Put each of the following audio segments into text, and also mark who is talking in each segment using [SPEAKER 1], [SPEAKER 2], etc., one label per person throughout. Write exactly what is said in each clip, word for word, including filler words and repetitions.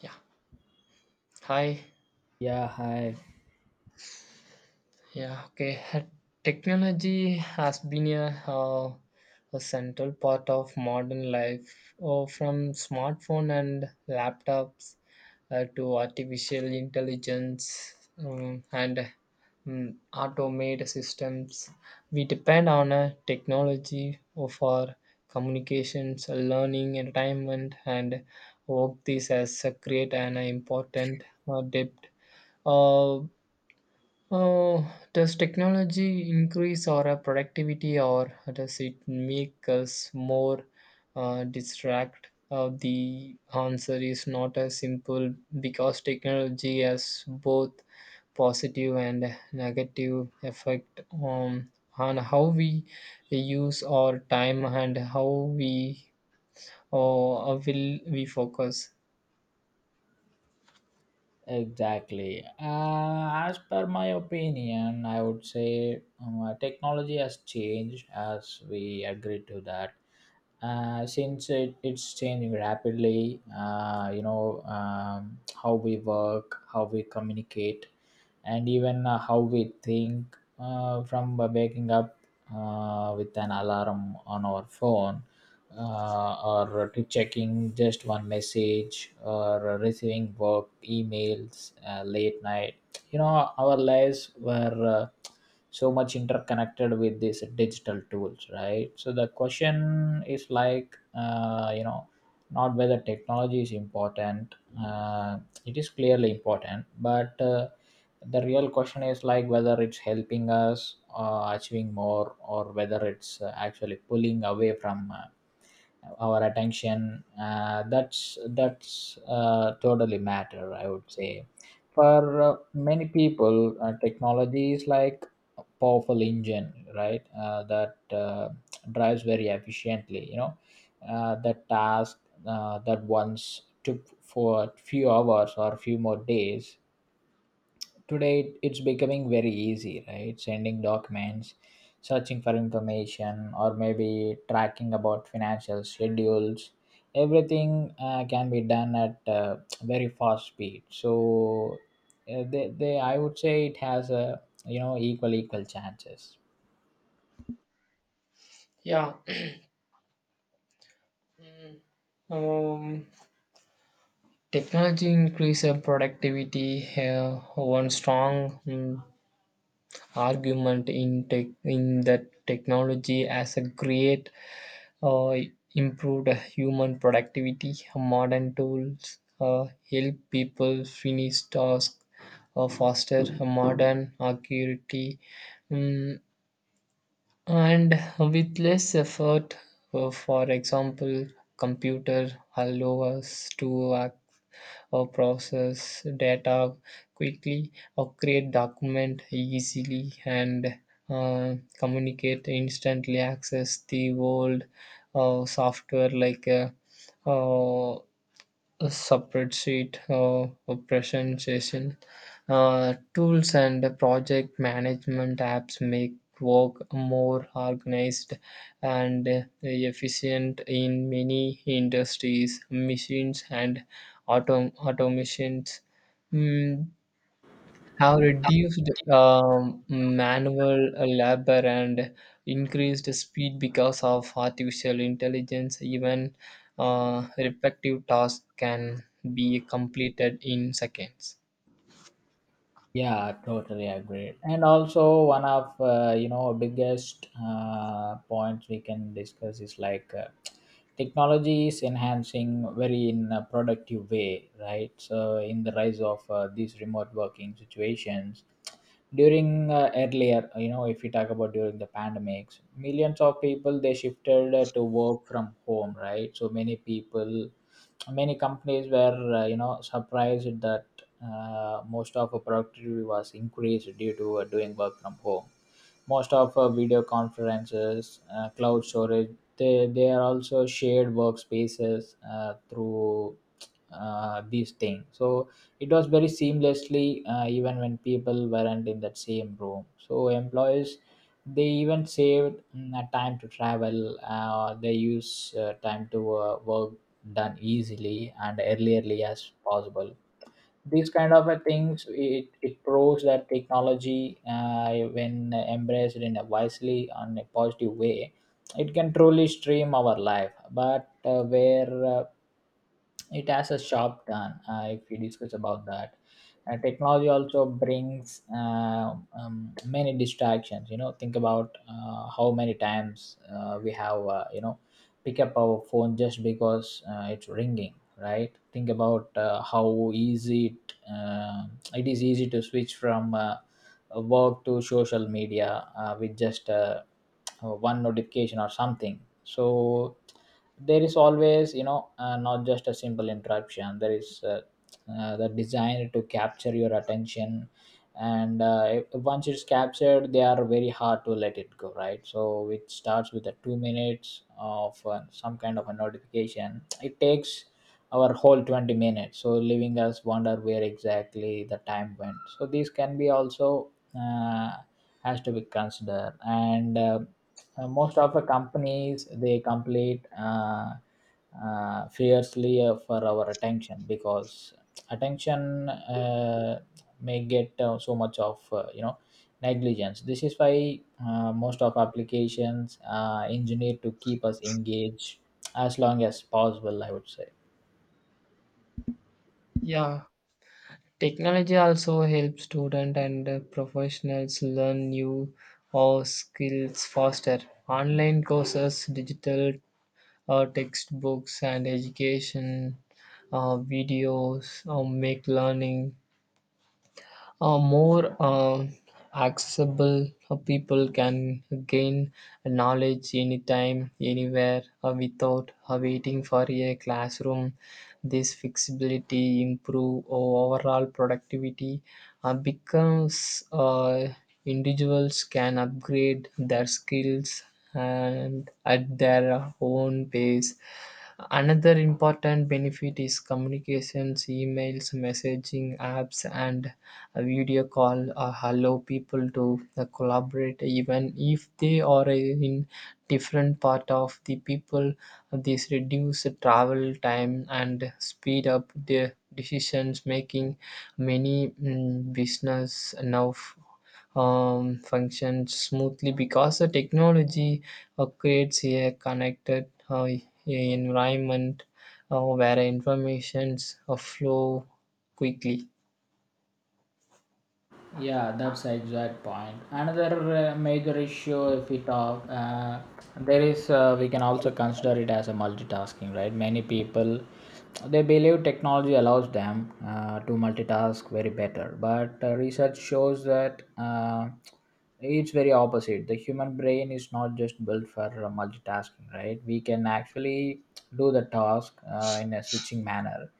[SPEAKER 1] Yeah. Hi.
[SPEAKER 2] Yeah, hi,
[SPEAKER 1] Yeah. Okay. Technology has been a, uh, a central part of modern life, uh, from smartphone and laptops uh, to artificial intelligence um, and um, automated systems. We depend on uh, technology for communications, learning, entertainment, and work. This has uh, create an important uh, debt. Uh, Uh, does technology increase our productivity, or does it make us more uh, distract? Uh, the answer is not as simple because technology has both positive and negative effect on, on how we use our time and how we uh, will we focus.
[SPEAKER 2] exactly. Uh, as per my opinion, I would say um, uh, technology has changed, as we agree to that. Uh, since it, it's changing rapidly, uh, you know um, how we work, how we communicate, and even uh, how we think. Uh, from waking up uh, with an alarm on our phone uh, or to checking just one message or receiving work emails uh, late night, you know, our lives were uh, so much interconnected with these digital tools, right? So the question is like, uh, you know not whether technology is important, uh, it is clearly important, but uh, the real question is like whether it's helping us uh, achieving more or whether it's uh, actually pulling away from uh, our attention. uh, that's that's uh, totally matter, I would say. For uh, many people, uh, technology is like a powerful engine, right? Uh, that uh, drives very efficiently, you know, uh, that task uh, that once took for few hours or few more days, today it- it's becoming very easy, right? Sending documents, searching for information, or maybe tracking about financial schedules, everything uh, can be done at uh, very fast speed. So uh, they, they I would say it has a, you know, equal equal chances.
[SPEAKER 1] Yeah. Um, Technology increases productivity. Uh, one strong mm, argument in tech, in that technology as a great uh, improved human productivity. Modern tools uh, help people finish tasks uh, faster. Modern accuracy. mm, and with less effort, uh, for example, computer allow us to uh, uh, process data quickly, or create document easily, and uh, communicate instantly access the world. Uh, software like uh, uh, a separate sheet, uh, a presentation uh, tools, and project management apps make work more organized and efficient. In many industries, machines and autom- automations Hmm, have reduced um, manual labor and increased speed because of artificial intelligence. Even uh, repetitive tasks can be completed in seconds.
[SPEAKER 2] Yeah, totally agreed. And also one of uh, you know biggest uh, points we can discuss is like, uh, technology is enhancing very in a productive way, right? So in the rise of uh, these remote working situations during, uh, earlier, you know, if we talk about during the pandemics, millions of people, they shifted uh, to work from home, right? So many people, many companies were, uh, you know surprised that uh, most of our productivity was increased due to uh, doing work from home. Most of our video conferences, uh, cloud storage, they, they are also shared workspaces uh, through uh, these things. So it was very seamlessly, uh, even when people weren't in that same room. So employees, they even saved mm, uh, time to travel. Uh, they use uh, time to uh, work done easily and earlierly as possible. These kind of a things, it, it proves that technology, uh, when embraced in a wisely and a positive way, it can truly stream our life. But uh, where uh, it has a sharp turn, uh, if we discuss about that, uh, technology also brings, uh, um, many distractions. You know, think about uh, how many times uh, we have, uh, you know pick up our phone just because uh, it's ringing, right? Think about uh, how easy it, uh, it is easy to switch from uh, work to social media uh, with just a uh, one notification or something. So there is always, you know, uh, not just a simple interruption, there is, uh, uh, the design to capture your attention. And uh, if- once it's captured, they are very hard to let it go, right? So it starts with the two minutes of uh, some kind of a notification, it takes our whole twenty minutes, so leaving us wonder where exactly the time went. So these can be also uh, has to be considered. And uh, uh, most of the companies, they complete, uh, uh, fiercely uh, for our attention, because attention uh, may get uh, so much of, uh, you know negligence. This is why uh, most of applications uh, engineer to keep us engaged as long as possible, I would say.
[SPEAKER 1] Yeah, technology also helps students and uh, professionals learn new or skills faster. Online courses, digital uh, textbooks, and education uh, videos uh, make learning uh, more um, accessible. Uh, people can gain knowledge anytime anywhere uh, without uh, waiting for a classroom. This flexibility improve uh, overall productivity, uh, because uh, individuals can upgrade their skills and at their own pace. Another important benefit is communications. Emails, messaging apps, and a video call uh, allow people to uh, collaborate even if they are in different part of the people. This reduce travel time and speed up the decisions making. Many mm, business now f- um, functions smoothly because the technology uh, creates a connected uh, environment uh, where informations uh, flow quickly.
[SPEAKER 2] Yeah, that's the exact point. Another uh, major issue, if we talk, uh, there is, uh, we can also consider it as a multitasking, right? Many people, they believe technology allows them uh, to multitask very better, but uh, research shows that uh, it's very opposite. The human brain is not just built for uh, multitasking, right? We can actually do the task uh, in a switching manner,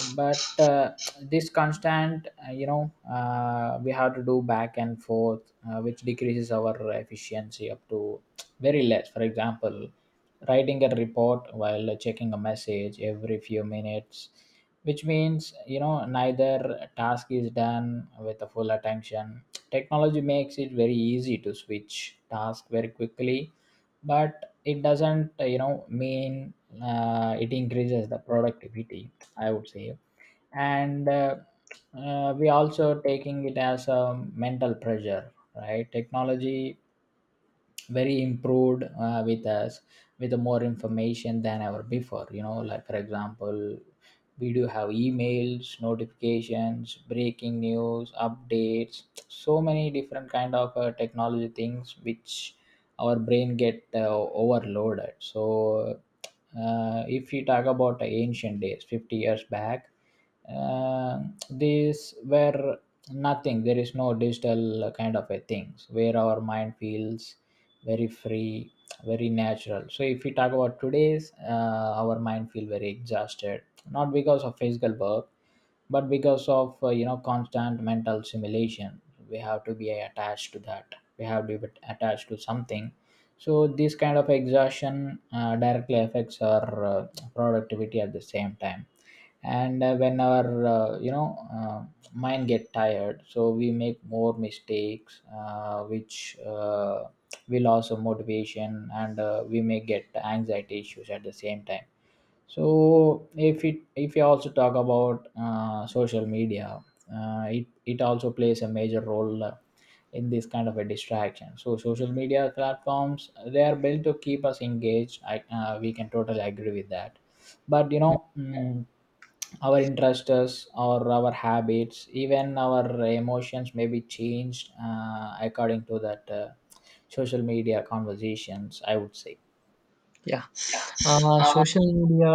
[SPEAKER 2] but uh, this constant, uh, you know uh, we have to do back and forth, uh, which decreases our efficiency up to very less. For example, writing a report while checking a message every few minutes, which means, you know, neither task is done with a full attention. Technology makes it very easy to switch task very quickly, but it doesn't, uh, you know mean uh, it increases the productivity, I would say. And uh, uh, we also taking it as a mental pressure, right? Technology very improved uh, with us with more information than ever before, you know, like for example, we do have emails, notifications, breaking news updates, so many different kind of uh, technology things, which our brain get uh, overloaded. So uh, if you talk about ancient days, fifty years back, uh, these were nothing, there is no digital kind of a things, where our mind feels very free, very natural. So if we talk about today's, uh, our mind feel very exhausted, not because of physical work, but because of, uh, you know constant mental simulation. We have to be attached to that, we have to be attached to something. So this kind of exhaustion uh, directly affects our uh, productivity at the same time. And uh, when our, uh, you know uh, mind get tired, so we make more mistakes, uh, which uh, we loss of motivation, and uh, we may get anxiety issues at the same time. So if it, if you also talk about uh, social media, uh, it it also plays a major role uh, in this kind of a distraction. So social media platforms, they are built to keep us engaged, I, uh, we can totally agree with that. But you know, mm, our interests or our habits, even our emotions, may be changed uh, according to that, uh, social media conversations, I would say.
[SPEAKER 1] Yeah, uh,
[SPEAKER 2] Uh,
[SPEAKER 1] social media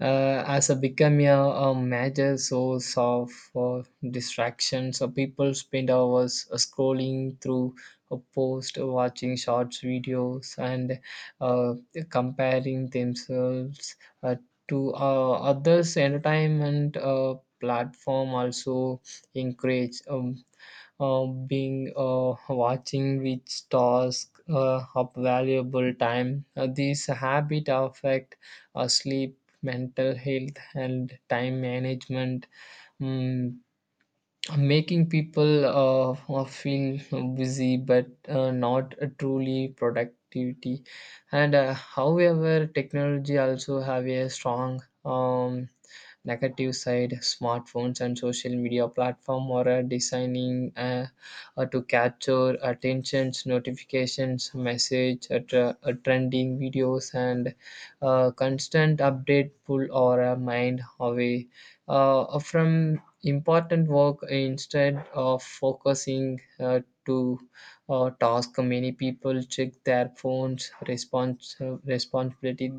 [SPEAKER 1] uh, has a become a, a major source of uh, distraction. So people spend hours uh, scrolling through a post, uh, watching shorts videos, and uh, comparing themselves uh, to uh, others. Entertainment uh, platform also encourage um, uh, being uh, watching which task uh, of valuable time. Uh, these habit affect uh, sleep, mental health, and time management, mm, making people uh, uh, feel busy but uh, not truly productivity. And uh, however, technology also have a strong um, negative side. Smartphones and social media platform are uh, designing uh, uh, to capture attentions. Notifications, message, uh, tra- uh, trending videos, and uh, constant update pull our uh, mind away uh, from important work. Instead of focusing uh, to uh, task, many people check their phones respons- uh, responsibility.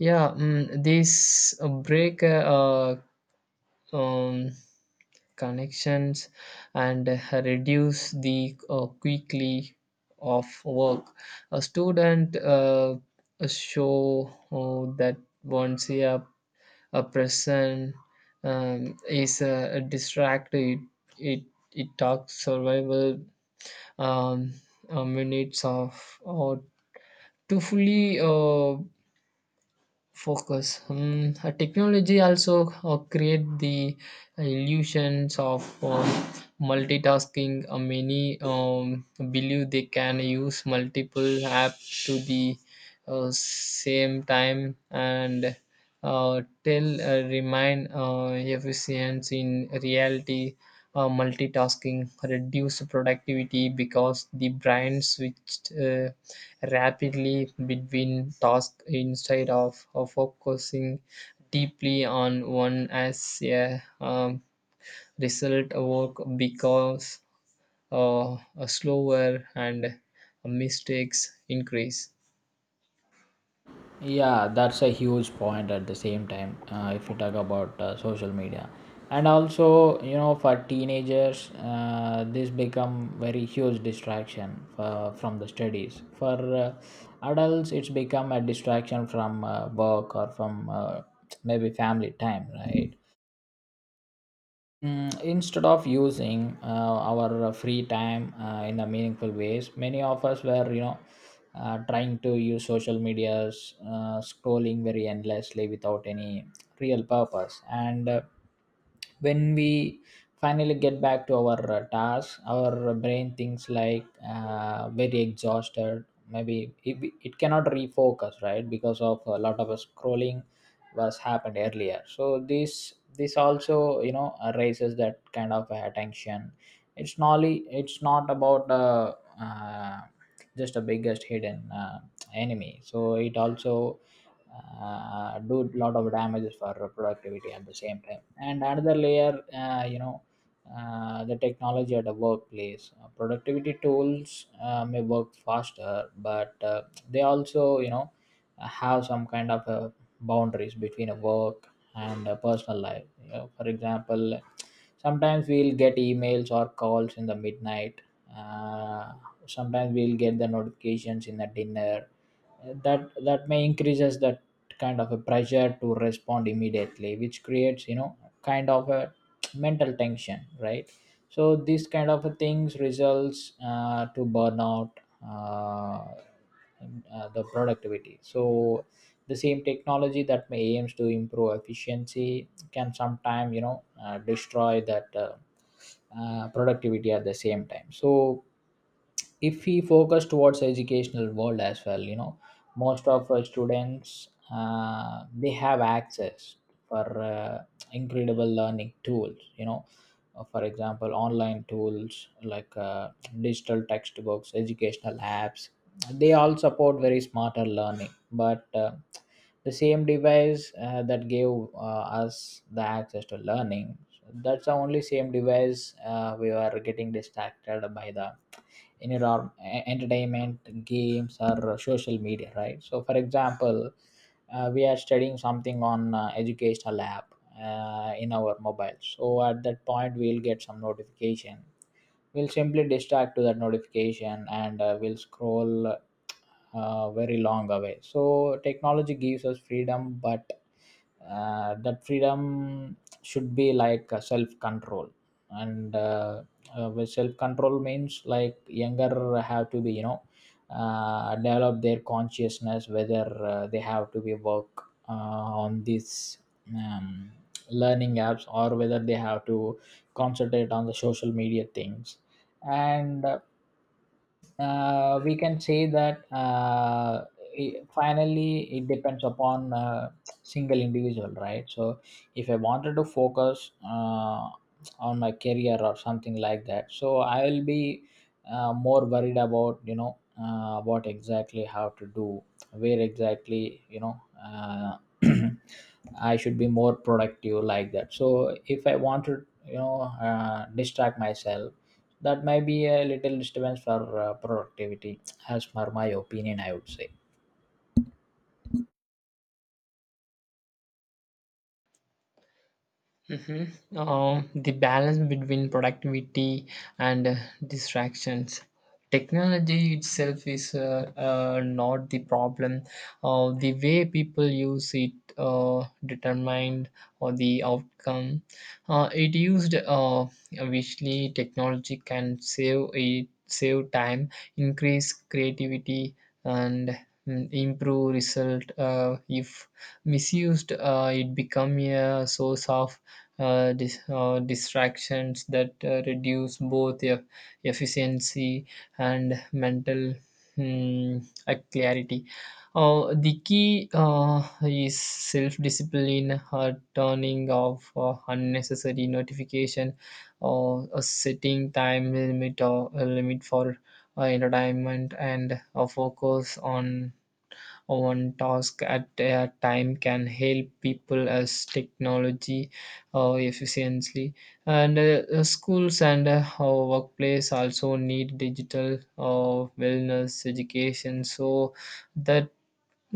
[SPEAKER 1] Yeah, mm, this uh, break uh, um, connections and reduce the uh, quickly of work. A student uh, show uh, that once a, a person um, is uh, distracted, it it talks survival um, uh, minutes of or to fully uh, focus. Hmm, uh, technology also uh, create the illusions of um, multitasking. Uh, many um, believe they can use multiple apps to the uh, same time and uh, tell uh, remind uh, efficiency. In reality, uh, multitasking reduce productivity because the brain switched uh, rapidly between tasks instead of, of focusing deeply on one. As a um, result, work becomes uh, slower and mistakes increase.
[SPEAKER 2] yeah, that's a huge point at the same time. Uh, if you talk about uh, social media, and also, you know, for teenagers, uh, this become very huge distraction for, from the studies. For uh, adults, it's become a distraction from uh, work or from uh, maybe family time, right? Mm, instead of using uh, our uh, free time uh, in the meaningful ways, many of us were, you know, uh, trying to use social medias, uh, scrolling very endlessly without any real purpose. And uh, when we finally get back to our uh, task, our brain thinks like uh, very exhausted, maybe it, it cannot refocus, right? Because of a lot of scrolling was happened earlier. So this this also, you know, uh, raises that kind of attention. It's not it's not about, uh, uh, just a biggest hidden uh, enemy. So it also uh, do lot of damages for productivity at the same time. And another layer, uh, you know uh, the technology at the workplace. Uh, productivity tools uh, may work faster, but uh, they also, you know, have some kind of a boundaries between a work and a personal life. You know, for example, sometimes we'll get emails or calls in the midnight. Uh, Sometimes we'll get the notifications in the dinner. That that may increases that kind of a pressure to respond immediately, which creates, you know, kind of a mental tension, right? So these kind of things results uh, to burnout. Uh, uh, the productivity. So the same technology that may aims to improve efficiency can sometimes, you know, uh, destroy that, uh, uh, productivity at the same time. So if we focus towards educational world as well, you know, most of our students, uh, they have access for uh, incredible learning tools, you know. Uh, for example, online tools like uh, digital textbooks, educational apps, they all support very smarter learning. But uh, the same device uh, that gave uh, us the access to learning, that's the only same device uh, we were getting distracted by the in your ar- e- entertainment games or social media, right? So for example, uh, we are studying something on uh, educational app uh, in our mobile, so at that point we'll get some notification, we'll simply distract to that notification, and uh, we'll scroll uh, very long away. So technology gives us freedom, but uh, that freedom should be like self control. And uh, uh, with self control means like younger have to be, you know, uh, develop their consciousness whether uh, they have to be work uh, on these um, learning apps or whether they have to concentrate on the social media things. And uh, uh, we can say that, uh, i- finally it depends upon uh, single individual, right? So if I wanted to focus uh, on my career or something like that, so I will be uh, more worried about, you know uh, what exactly how to do, where exactly, you know. Uh, I should be more productive like that. So if I wanted, you know, uh, distract myself, that might be a little disturbance for uh, productivity, as per my opinion I would say.
[SPEAKER 1] Mhm. Uh, the balance between productivity and uh, distractions. Technology itself is uh, uh, not the problem. Uh, the way people use it uh, determined or the outcome. Uh, it used uh, Obviously technology can save it save time, increase creativity, and mm, improve result. Uh, if misused, uh, it become a source of uh, dis- uh, distractions that uh, reduce both e- efficiency and mental hmm, uh, clarity. Uh, the key uh, is self-discipline. Uh, turning off uh, unnecessary notification, or uh, setting time limit or a limit for uh, entertainment, and uh, focus on one task at a time can help people as technology uh, efficiently. And uh, schools and uh, our workplace also need digital uh, wellness education so that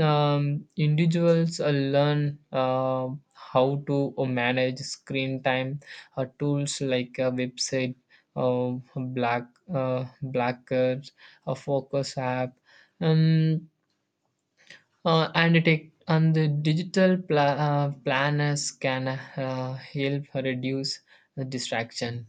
[SPEAKER 1] um, individuals uh, learn uh, how to uh, manage screen time. Uh, tools like a website, uh, black uh, blacker, a focus app, um, uh, and it take- and the digital pla- uh, planners can uh, help reduce the distraction.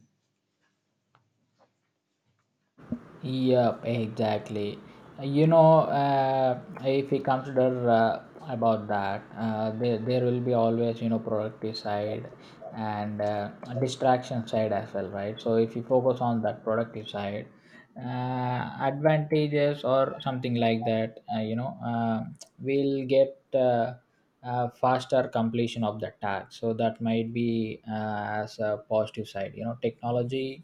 [SPEAKER 2] Yep, exactly. You know, uh, if we consider uh, about that, uh, there, there will be always, you know, productive side and uh, distraction side as well, right? So if you focus on that productive side, uh, advantages or something like that, uh, you know, uh, we'll get uh, a faster completion of the task, so that might be uh, as a positive side. You know, technology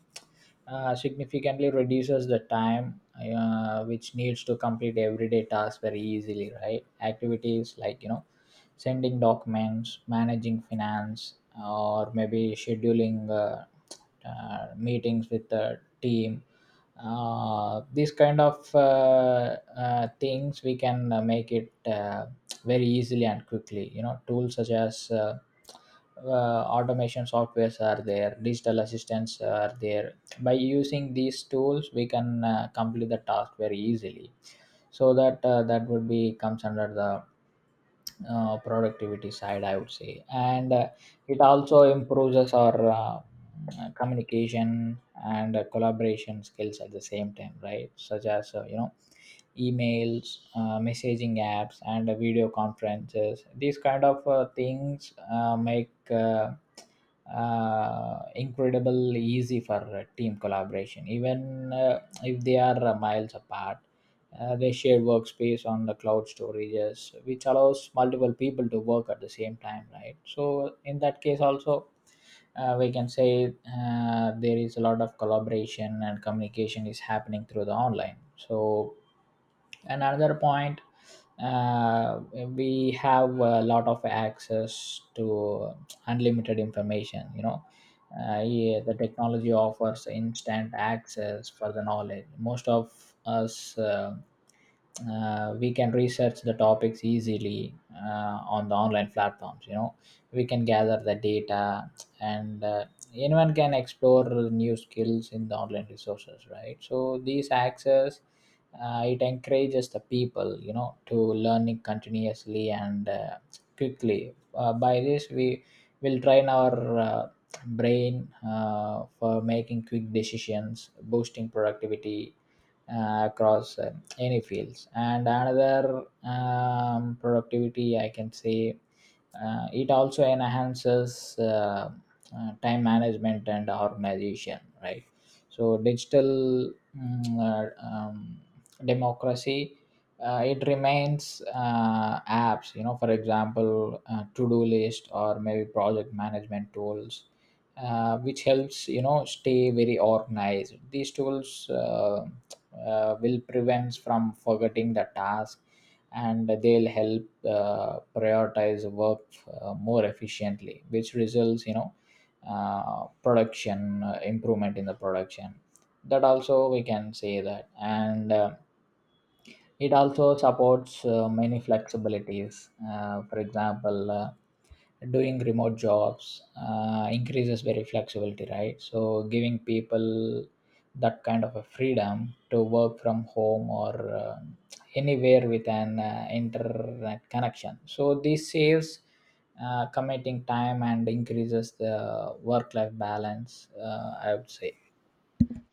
[SPEAKER 2] uh, significantly reduces the time uh, which needs to complete everyday tasks very easily, right? Activities like, you know, sending documents, managing finance, or maybe scheduling uh, uh, meetings with the team. Uh, these kind of uh, uh, things we can uh, make it uh, very easily and quickly. You know, tools such as uh, uh, automation softwares are there, digital assistants are there. By using these tools, we can uh, complete the task very easily, so that uh, that would be comes under the uh, productivity side, I would say. And uh, it also improves our uh, communication and uh, collaboration skills at the same time, right? Such as, uh, you know, emails, uh, messaging apps, and uh, video conferences. These kind of uh, things uh, make uh, uh, incredible easy for uh, team collaboration, even uh, if they are uh, miles apart. Uh, they share workspace on the cloud storages, which allows multiple people to work at the same time, right? So in that case also, uh, we can say uh, there is a lot of collaboration and communication is happening through the online. So, and another point, uh, we have a lot of access to unlimited information. You know, uh, yeah, the technology offers instant access for the knowledge. Most of us. Uh, uh, we can research the topics easily uh, on the online platforms. You know, we can gather the data, and uh, anyone can explore new skills in the online resources, right? So these access, uh, it encourages the people, you know, to learning continuously and uh, quickly. Uh, by this, we will train our uh, brain uh, for making quick decisions, boosting productivity uh, across uh, any fields. And another um, productivity I can say, uh, it also enhances uh, uh, time management and organization, right? So digital mm, uh, um, democracy, uh, it remains uh, apps, you know. For example, uh, to do list, or maybe project management tools uh, which helps, you know, stay very organized. These tools uh, uh, will prevent from forgetting the task, and they'll help uh, prioritize work uh, more efficiently, which results, you know, uh, production, uh, improvement in the production, that also we can say that. And uh, it also supports uh, many flexibilities. Uh, for example, uh, doing remote jobs uh, increases very flexibility, right? So giving people that kind of a freedom to work from home or uh, anywhere with an uh, internet connection. So this saves uh, committing time and increases the work-life balance, Uh, I would say.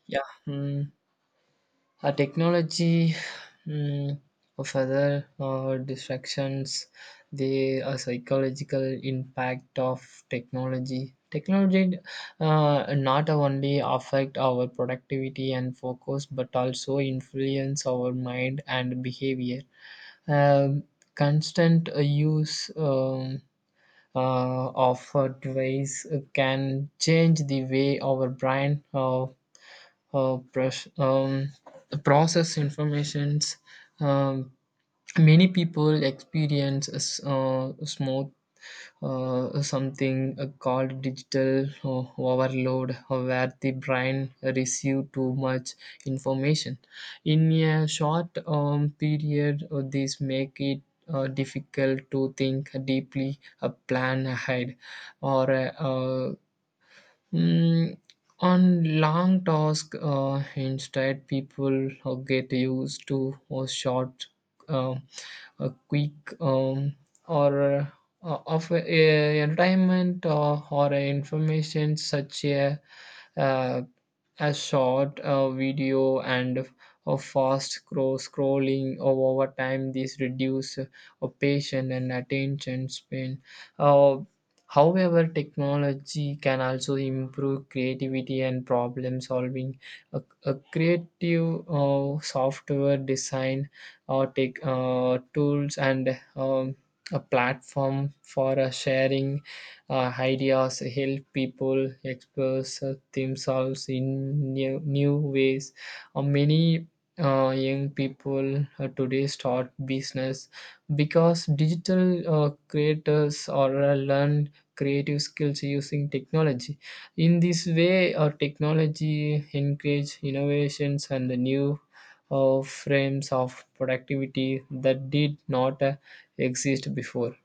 [SPEAKER 1] Yeah, mm, a technology mm, of other uh, distractions, the uh, psychological impact of technology. Technology uh, not only affect our productivity and focus, but also influence our mind and behavior. Um, Constant uh, use. Um, uh, of uh, device uh, can change the way our brain uh, uh, pres- um, process informations. Um, Many people experience a s- uh, smooth uh, something uh, called digital uh, overload, uh, where the brain receives too much information in a short um, period. Uh, this make it uh, difficult to think deeply, uh, plan ahead, or uh, uh, Mm, on long task. Uh, instead, people uh, get used to a short, uh, a quick, um, or uh, of a entertainment uh, or a information, such a, uh, a short uh, video and a fast scroll scrolling over time. This reduce uh, a patient and attention span. Uh, However, technology can also improve creativity and problem solving. A, a creative uh, software design or tech uh, tools, and um, a platform for uh, sharing uh, ideas help people express uh, themselves in new, new ways. Uh, many uh, young people uh, today start business because digital uh, creators or uh, learn creative skills using technology. In this way, our technology encourage innovations and the new uh, frames of productivity that did not uh, exist before.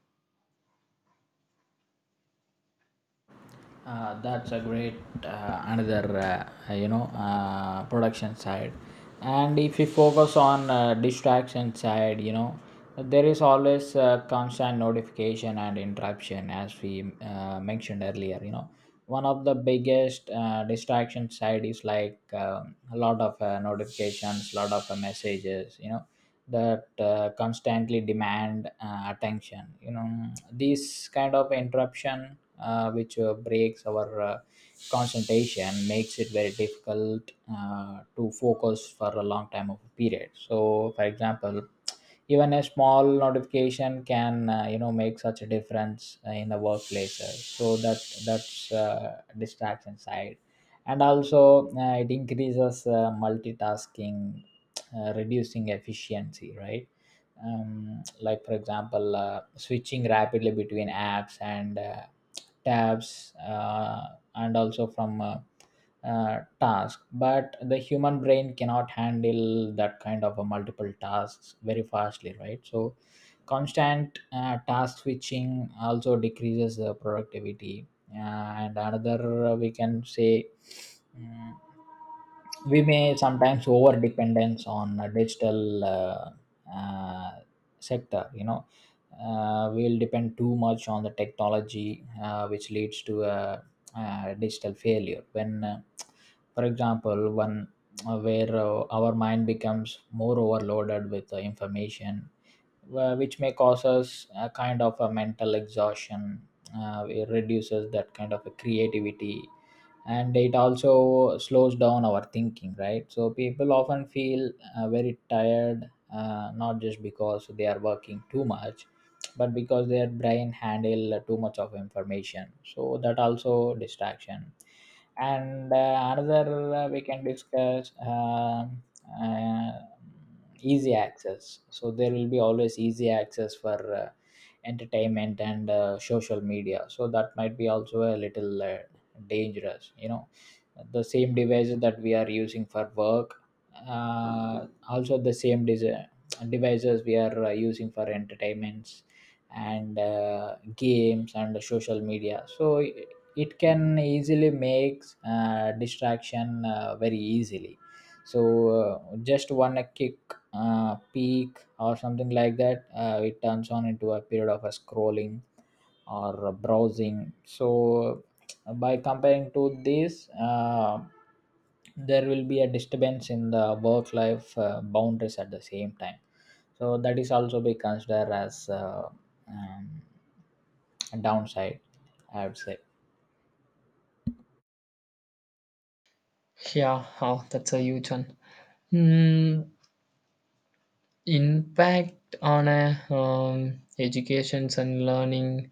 [SPEAKER 2] Uh, that's a great uh, another, uh, you know, uh, production side. And if we focus on uh, distraction side, you know, there is always uh, constant notification and interruption, as we uh, mentioned earlier. You know, one of the biggest uh, distraction side is like, um, a lot of uh, notifications, lot of uh, messages, you know, that uh, constantly demand uh, attention. You know, this kind of interruption uh, which uh, breaks our uh, concentration, makes it very difficult uh, to focus for a long time of a period. So for example, even a small notification can, uh, you know, make such a difference uh, in the workplace, uh, so that, that's uh, distraction side. And also uh, it increases uh, multitasking, uh, reducing efficiency, right? Um, like for example, uh, switching rapidly between apps and uh, tabs, uh, and also from uh, uh, task. But the human brain cannot handle that kind of a multiple tasks very fastly, right? So constant uh, task switching also decreases the productivity. uh, and another uh, we can say, mm, we may sometimes over dependence on a digital uh, uh, sector. You know, uh, we'll depend too much on the technology uh, which leads to a, uh digital failure when, uh, for example, when uh, where uh, our mind becomes more overloaded with uh, information, uh, which may cause us a kind of a mental exhaustion. Uh, it reduces that kind of a creativity, and it also slows down our thinking, right? So people often feel uh, very tired, uh, not just because they are working too much, but because their brain handle too much of information, so that also distraction. And uh, another uh, we can discuss, um uh, easy access. So there will be always easy access for uh, entertainment and uh, social media, so that might be also a little uh, dangerous. You know, the same devices that we are using for work, uh, also the same desi- devices we are uh, using for entertainments and uh, games and social media. So it it can easily make uh, distraction uh, very easily. So uh, just one uh, kick, uh, peak or something like that, uh, it turns on into a period of a scrolling or uh, browsing. So by comparing to this, uh, there will be a disturbance in the work life uh, boundaries at the same time, so that is also be considered as uh, um, a downside, I would say.
[SPEAKER 1] Yeah. Oh, that's a huge one. Hmm, Impact on a um, educations and learning.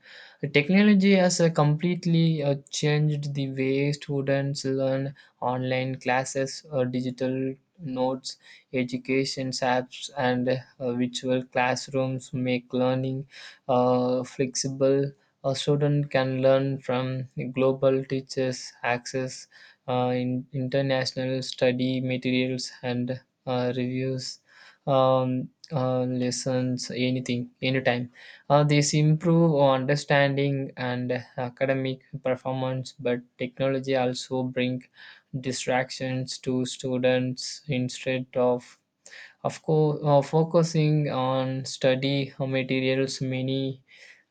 [SPEAKER 1] Technology has uh, completely uh, changed the way students learn. Online classes, uh, digital notes, education apps, and uh, virtual classrooms make learning uh, flexible. A student can learn from global teachers, access uh, in international study materials, and uh, reviews um, uh, lessons, anything, anytime. Uh, this improve understanding and academic performance, but technology also bring distractions to students. Instead of of course, uh, focusing on study materials, many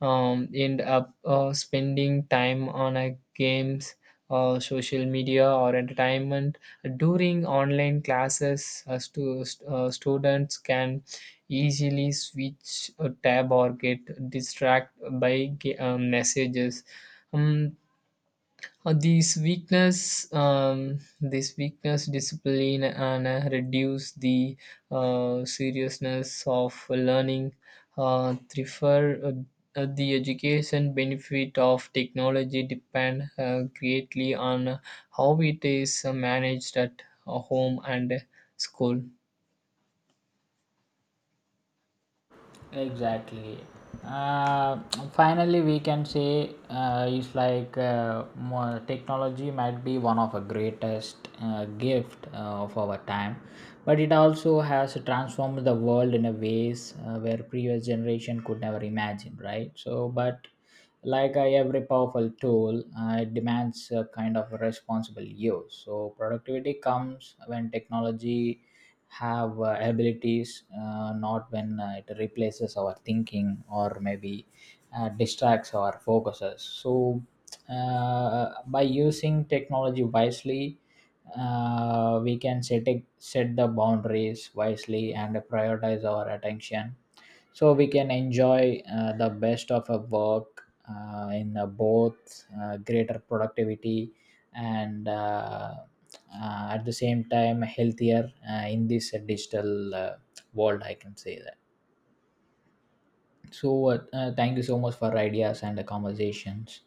[SPEAKER 1] um, end up uh, spending time on a games, uh, social media, or entertainment. During online classes, uh, stu- uh, students can easily switch a tab or get distracted by ga- uh, messages. Um, uh, these weakness, um, this weakness, discipline, and uh, reduce the uh, seriousness of learning. Uh, prefer uh, uh, The education benefit of technology depend uh, greatly on how it is uh, managed at uh, home and uh, school.
[SPEAKER 2] Exactly. Uh, Finally, we can say uh, it's like, uh, mo- technology might be one of the greatest uh, gift uh, of our time, but it also has transformed the world in a ways uh, where previous generation could never imagine, right? So, but like uh, every powerful tool, uh, it demands a kind of responsible use. So, productivity comes when technology have uh, abilities, uh, not when uh, it replaces our thinking, or maybe uh, distracts our focuses. So uh, by using technology wisely, uh, we can set it, set the boundaries wisely and prioritize our attention, so we can enjoy uh, the best of a work uh, in uh, both uh, greater productivity and uh, uh, at the same time healthier uh, in this uh, digital uh, world, I can say that. So uh, uh, thank you so much for ideas and the conversations.